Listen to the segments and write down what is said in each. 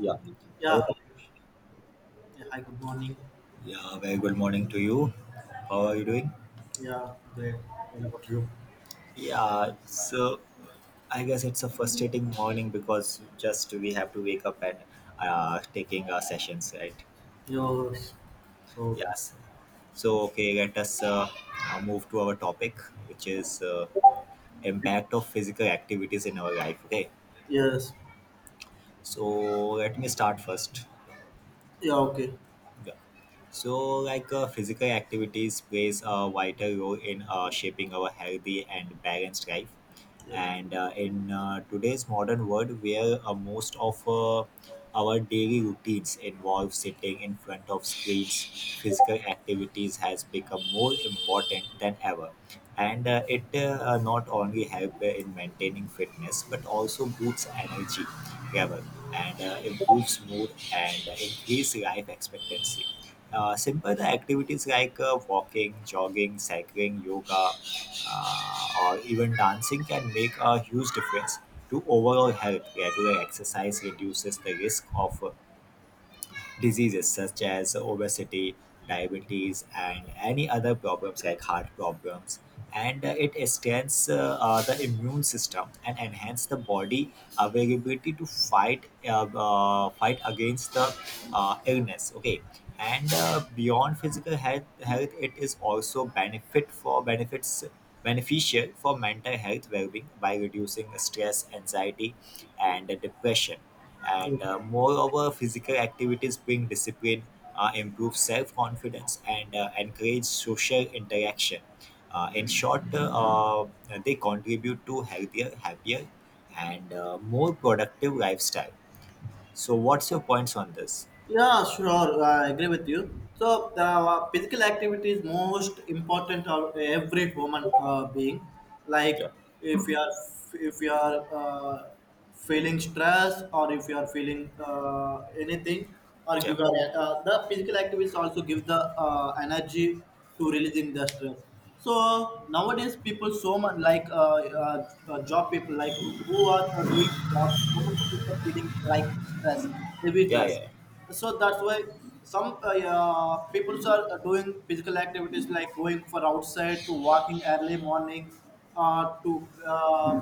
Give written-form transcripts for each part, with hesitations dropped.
Yeah. Yeah. Hello. Hi. Yeah. Hi. Good morning. Yeah, very good morning to you. How are you doing? Yeah. Great. What about you? Yeah, so I guess it's a frustrating morning because just we have to wake up and taking our sessions, right? Yours. So. Yes. So okay, let us move to our topic, which is impact of physical activities in our life. Okay. Yes. So let me start first. Yeah. Okay. Yeah. So like physical activities plays a vital role in shaping our healthy and balanced life, Yeah. and in today's modern world where most of our daily routines involve sitting in front of screens, physical activities has become more important than ever, and it not only help in maintaining fitness but also boosts energy level, and improves mood and increase life expectancy. Simple activities like walking, jogging, cycling, yoga, or even dancing can make a huge difference to overall health. Regular exercise reduces the risk of diseases such as obesity, diabetes, and any other problems like heart problems. And it strengthens the immune system and enhance the body availability to fight against the illness. Okay, and beyond physical health, it is also benefit for benefits beneficial for mental health well-being by reducing stress, anxiety, and depression, Yeah. and moreover, physical activities bring discipline, improve self-confidence, and encourage social interaction. In short, uh, they contribute to healthier, happier, and more productive lifestyle. So what's your points on this? Yeah, sure. I agree with you. So, the physical activity is most important of every human being. Yeah, Like, if you are if you are feeling stress, or if you are feeling anything, or yeah, the physical activities also give the energy to releasing the stress. So nowadays, people so much like job people like who are doing job. So much people feeling like stress, heavy yeah, stress. yeah, yeah. So that's why some yeah, people are doing physical activities like going for outside to walking early morning, to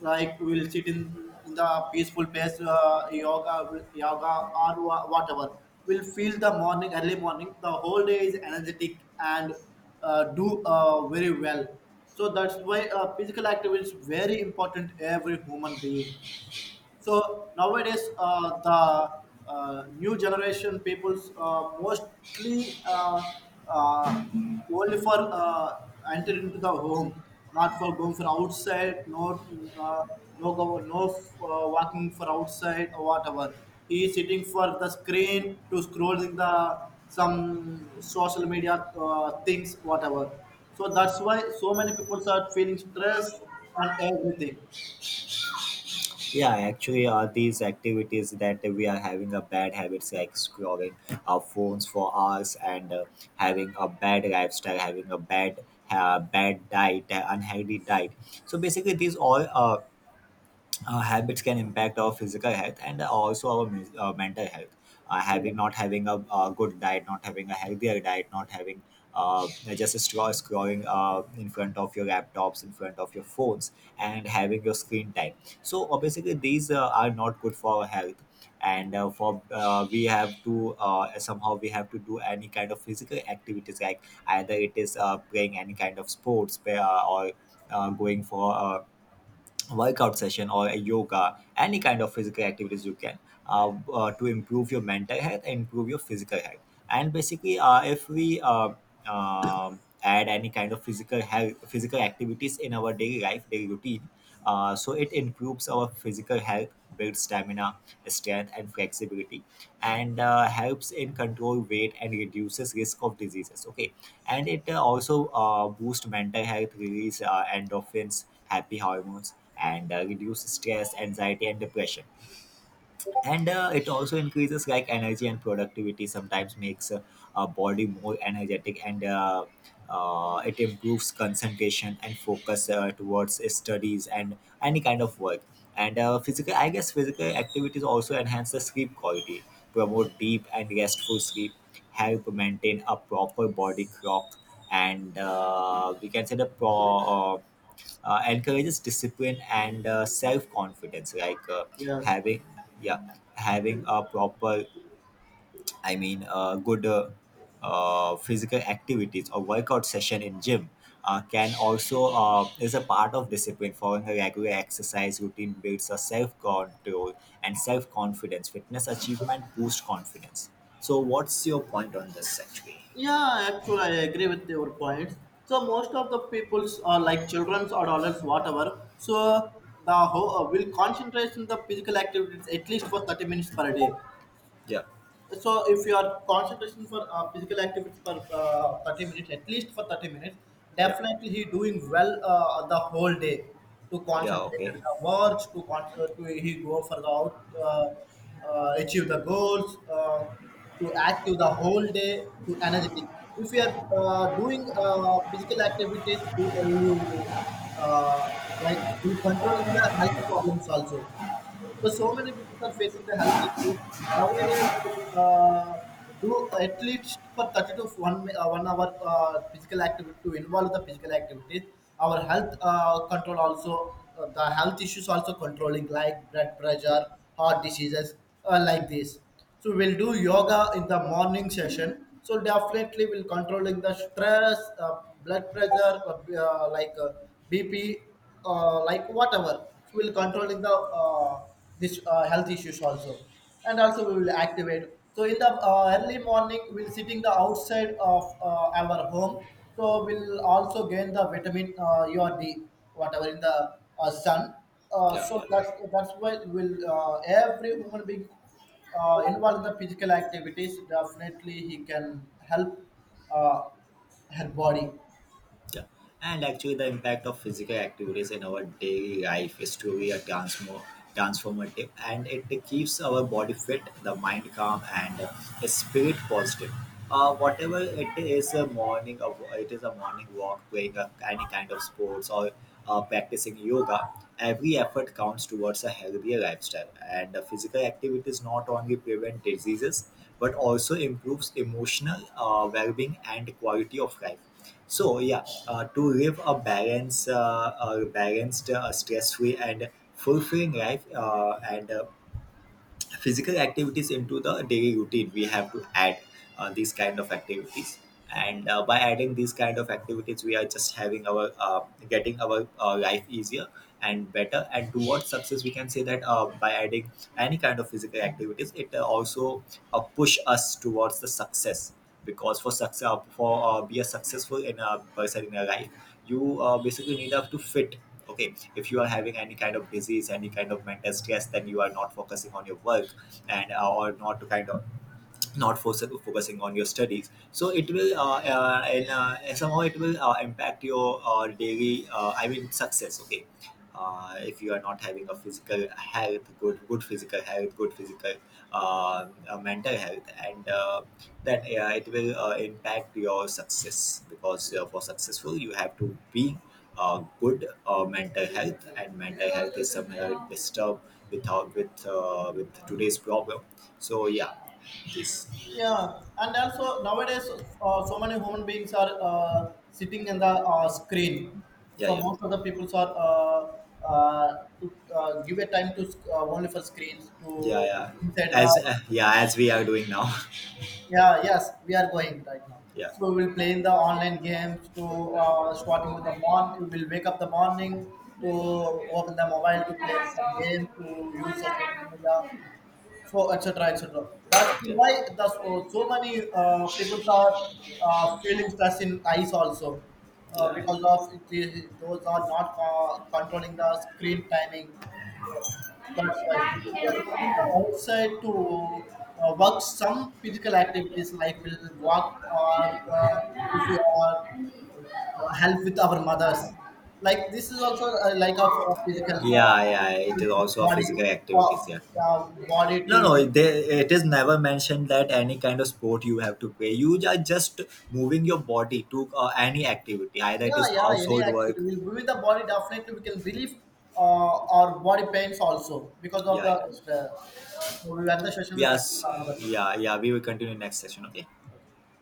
like we'll sit in the peaceful place, yoga, whatever. We'll feel the morning, early morning. The whole day is energetic and do very well. So that's why physical activity is very important every human being. So nowadays, the new generation peoples mostly uh, only for enter into the home, not for going for outside, no uh, no go, no walking for outside or whatever. He is sitting for the screen to scrolling the some social media things, whatever. So that's why so many people are feeling stress and everything. Yeah, actually are these activities that we are having a bad habits like scrolling our phones for hours, and having a bad lifestyle, having a bad diet, unhealthy diet. So basically these all habits can impact our physical health and also our mental health. Yeah. Having, not having a, good diet, not having a healthier diet, not having uh, just a straw scrolling in front of your laptops, in front of your phones, and having your screen time. So basically, these are not good for our health. And for we have to somehow we have to do any kind of physical activities, like either it is playing any kind of sports, or going for workout session or a yoga, any kind of physical activities you can, to improve your mental health and improve your physical health, and basically if we add any kind of physical activities in our daily life daily routine, so it improves our physical health, builds stamina, strength, and flexibility, and helps in control weight and reduces risk of diseases. Okay, and it also boosts mental health, release endorphins, happy hormones, and reduce stress, anxiety, and depression, and it also increases like energy and productivity, sometimes makes our body more energetic, and it improves concentration and focus towards studies and any kind of work. And physical I guess physical activities also enhance the sleep quality, promote deep and restful sleep, help maintain a proper body clock, and we can say encourages discipline and self-confidence, like Yes. having, yeah, having a proper, I mean, good physical activities or workout session in gym can also is a part of discipline, following a regular exercise routine builds a self-control and self-confidence, fitness achievement boost confidence. So what's your point on this actually? Yeah, actually, I agree with your points. So most of the peoples are like childrens or adults, whatever. So the whole will concentrate in the physical activities at least for 30 minutes per day. Yeah, So if your concentration for physical activity for 30 minutes, at least for 30 minutes, yeah, definitely he doing well the whole day, to yeah. concentrate Okay. at the words to he go for the out achieve the goals, to active the whole day, to energetic. If you are doing physical activities, you, you uh, like you control the health problems also. So, so many people are facing the health issues. Nowadays, do at least for 30 to 1 hour physical activity to involve the physical activities. Our health control also, the health issues also controlling, like blood Yeah, pressure, heart diseases, like this. So we'll do yoga in the morning session. So definitely we'll controlling the stress, blood pressure, BP, like whatever. So we'll controlling the this health issues also. And also we will activate. So in the early morning, we'll sitting the outside of our home, so we'll also gain the vitamin u or d, whatever, in the sun. Yeah, So yeah. that's why will every human being involved in the physical activities, definitely he can help uh, her body. Yeah. And actually, the impact of physical activities in our daily life is truly a transformative, and it keeps our body fit, the mind calm, and the spirit positive. Whatever it is, a morning of it is a morning walk, playing a, any kind of sports, or practicing yoga. Every effort counts towards a healthier lifestyle, and physical activities not only prevent diseases but also improves emotional well-being and quality of life. So yeah, to live a balanced, stress-free and fulfilling life, and physical activities into the daily routine we have to add these kind of activities. And by adding these kind of activities we are just having our getting our life easier and better and towards success, we can say that by adding any kind of physical activities it also push us towards the success, because for be a successful in a person in a life you basically need have to fit. Okay, if you are having any kind of disease, any kind of mental stress, then you are not focusing on your work, and or not to kind of, not for focusing on your studies, so it will and somehow it will impact your daily, I mean, success. Okay. If you are not having a physical health good good physical mental health, and that it will impact your success, because for successful you have to be good mental health, and mental health is somehow disturbed without with with today's problem. So yeah, please. Yeah, and also nowadays, so many human beings are sitting in the screen. Yeah, So yeah, most of the people are to give a time to only for screens yeah, to yeah, inside the. as yeah, as we are doing now. Yeah, yes, we are going right now. Yeah. So we will play in the online games to starting with the morning. We will wake up the morning to open the mobile to play some Yeah, game to use the social media, so etc etc. That's why that's so, so many people are feeling stress in eyes also, yeah, because of the, those are not controlling the screen timing. So that's why if you are going to outside to work some physical activities like will walk, or if you are help with our mothers, like this is also like a physical yeah, yeah, it help is with also a body, physical uh, activities. Yeah. uh, body No, to. no, they, it is never mentioned that any kind of sport you have to play. You are just moving your body to any activity, either it is Yeah, yeah, any household activity. work. We'll breathe the body definitely. We can relieve our body pains also, because of Yeah, the. yeah. So we end the session. We'll Yes. continue another. Yeah, yeah, we will continue next session. Okay. Okay.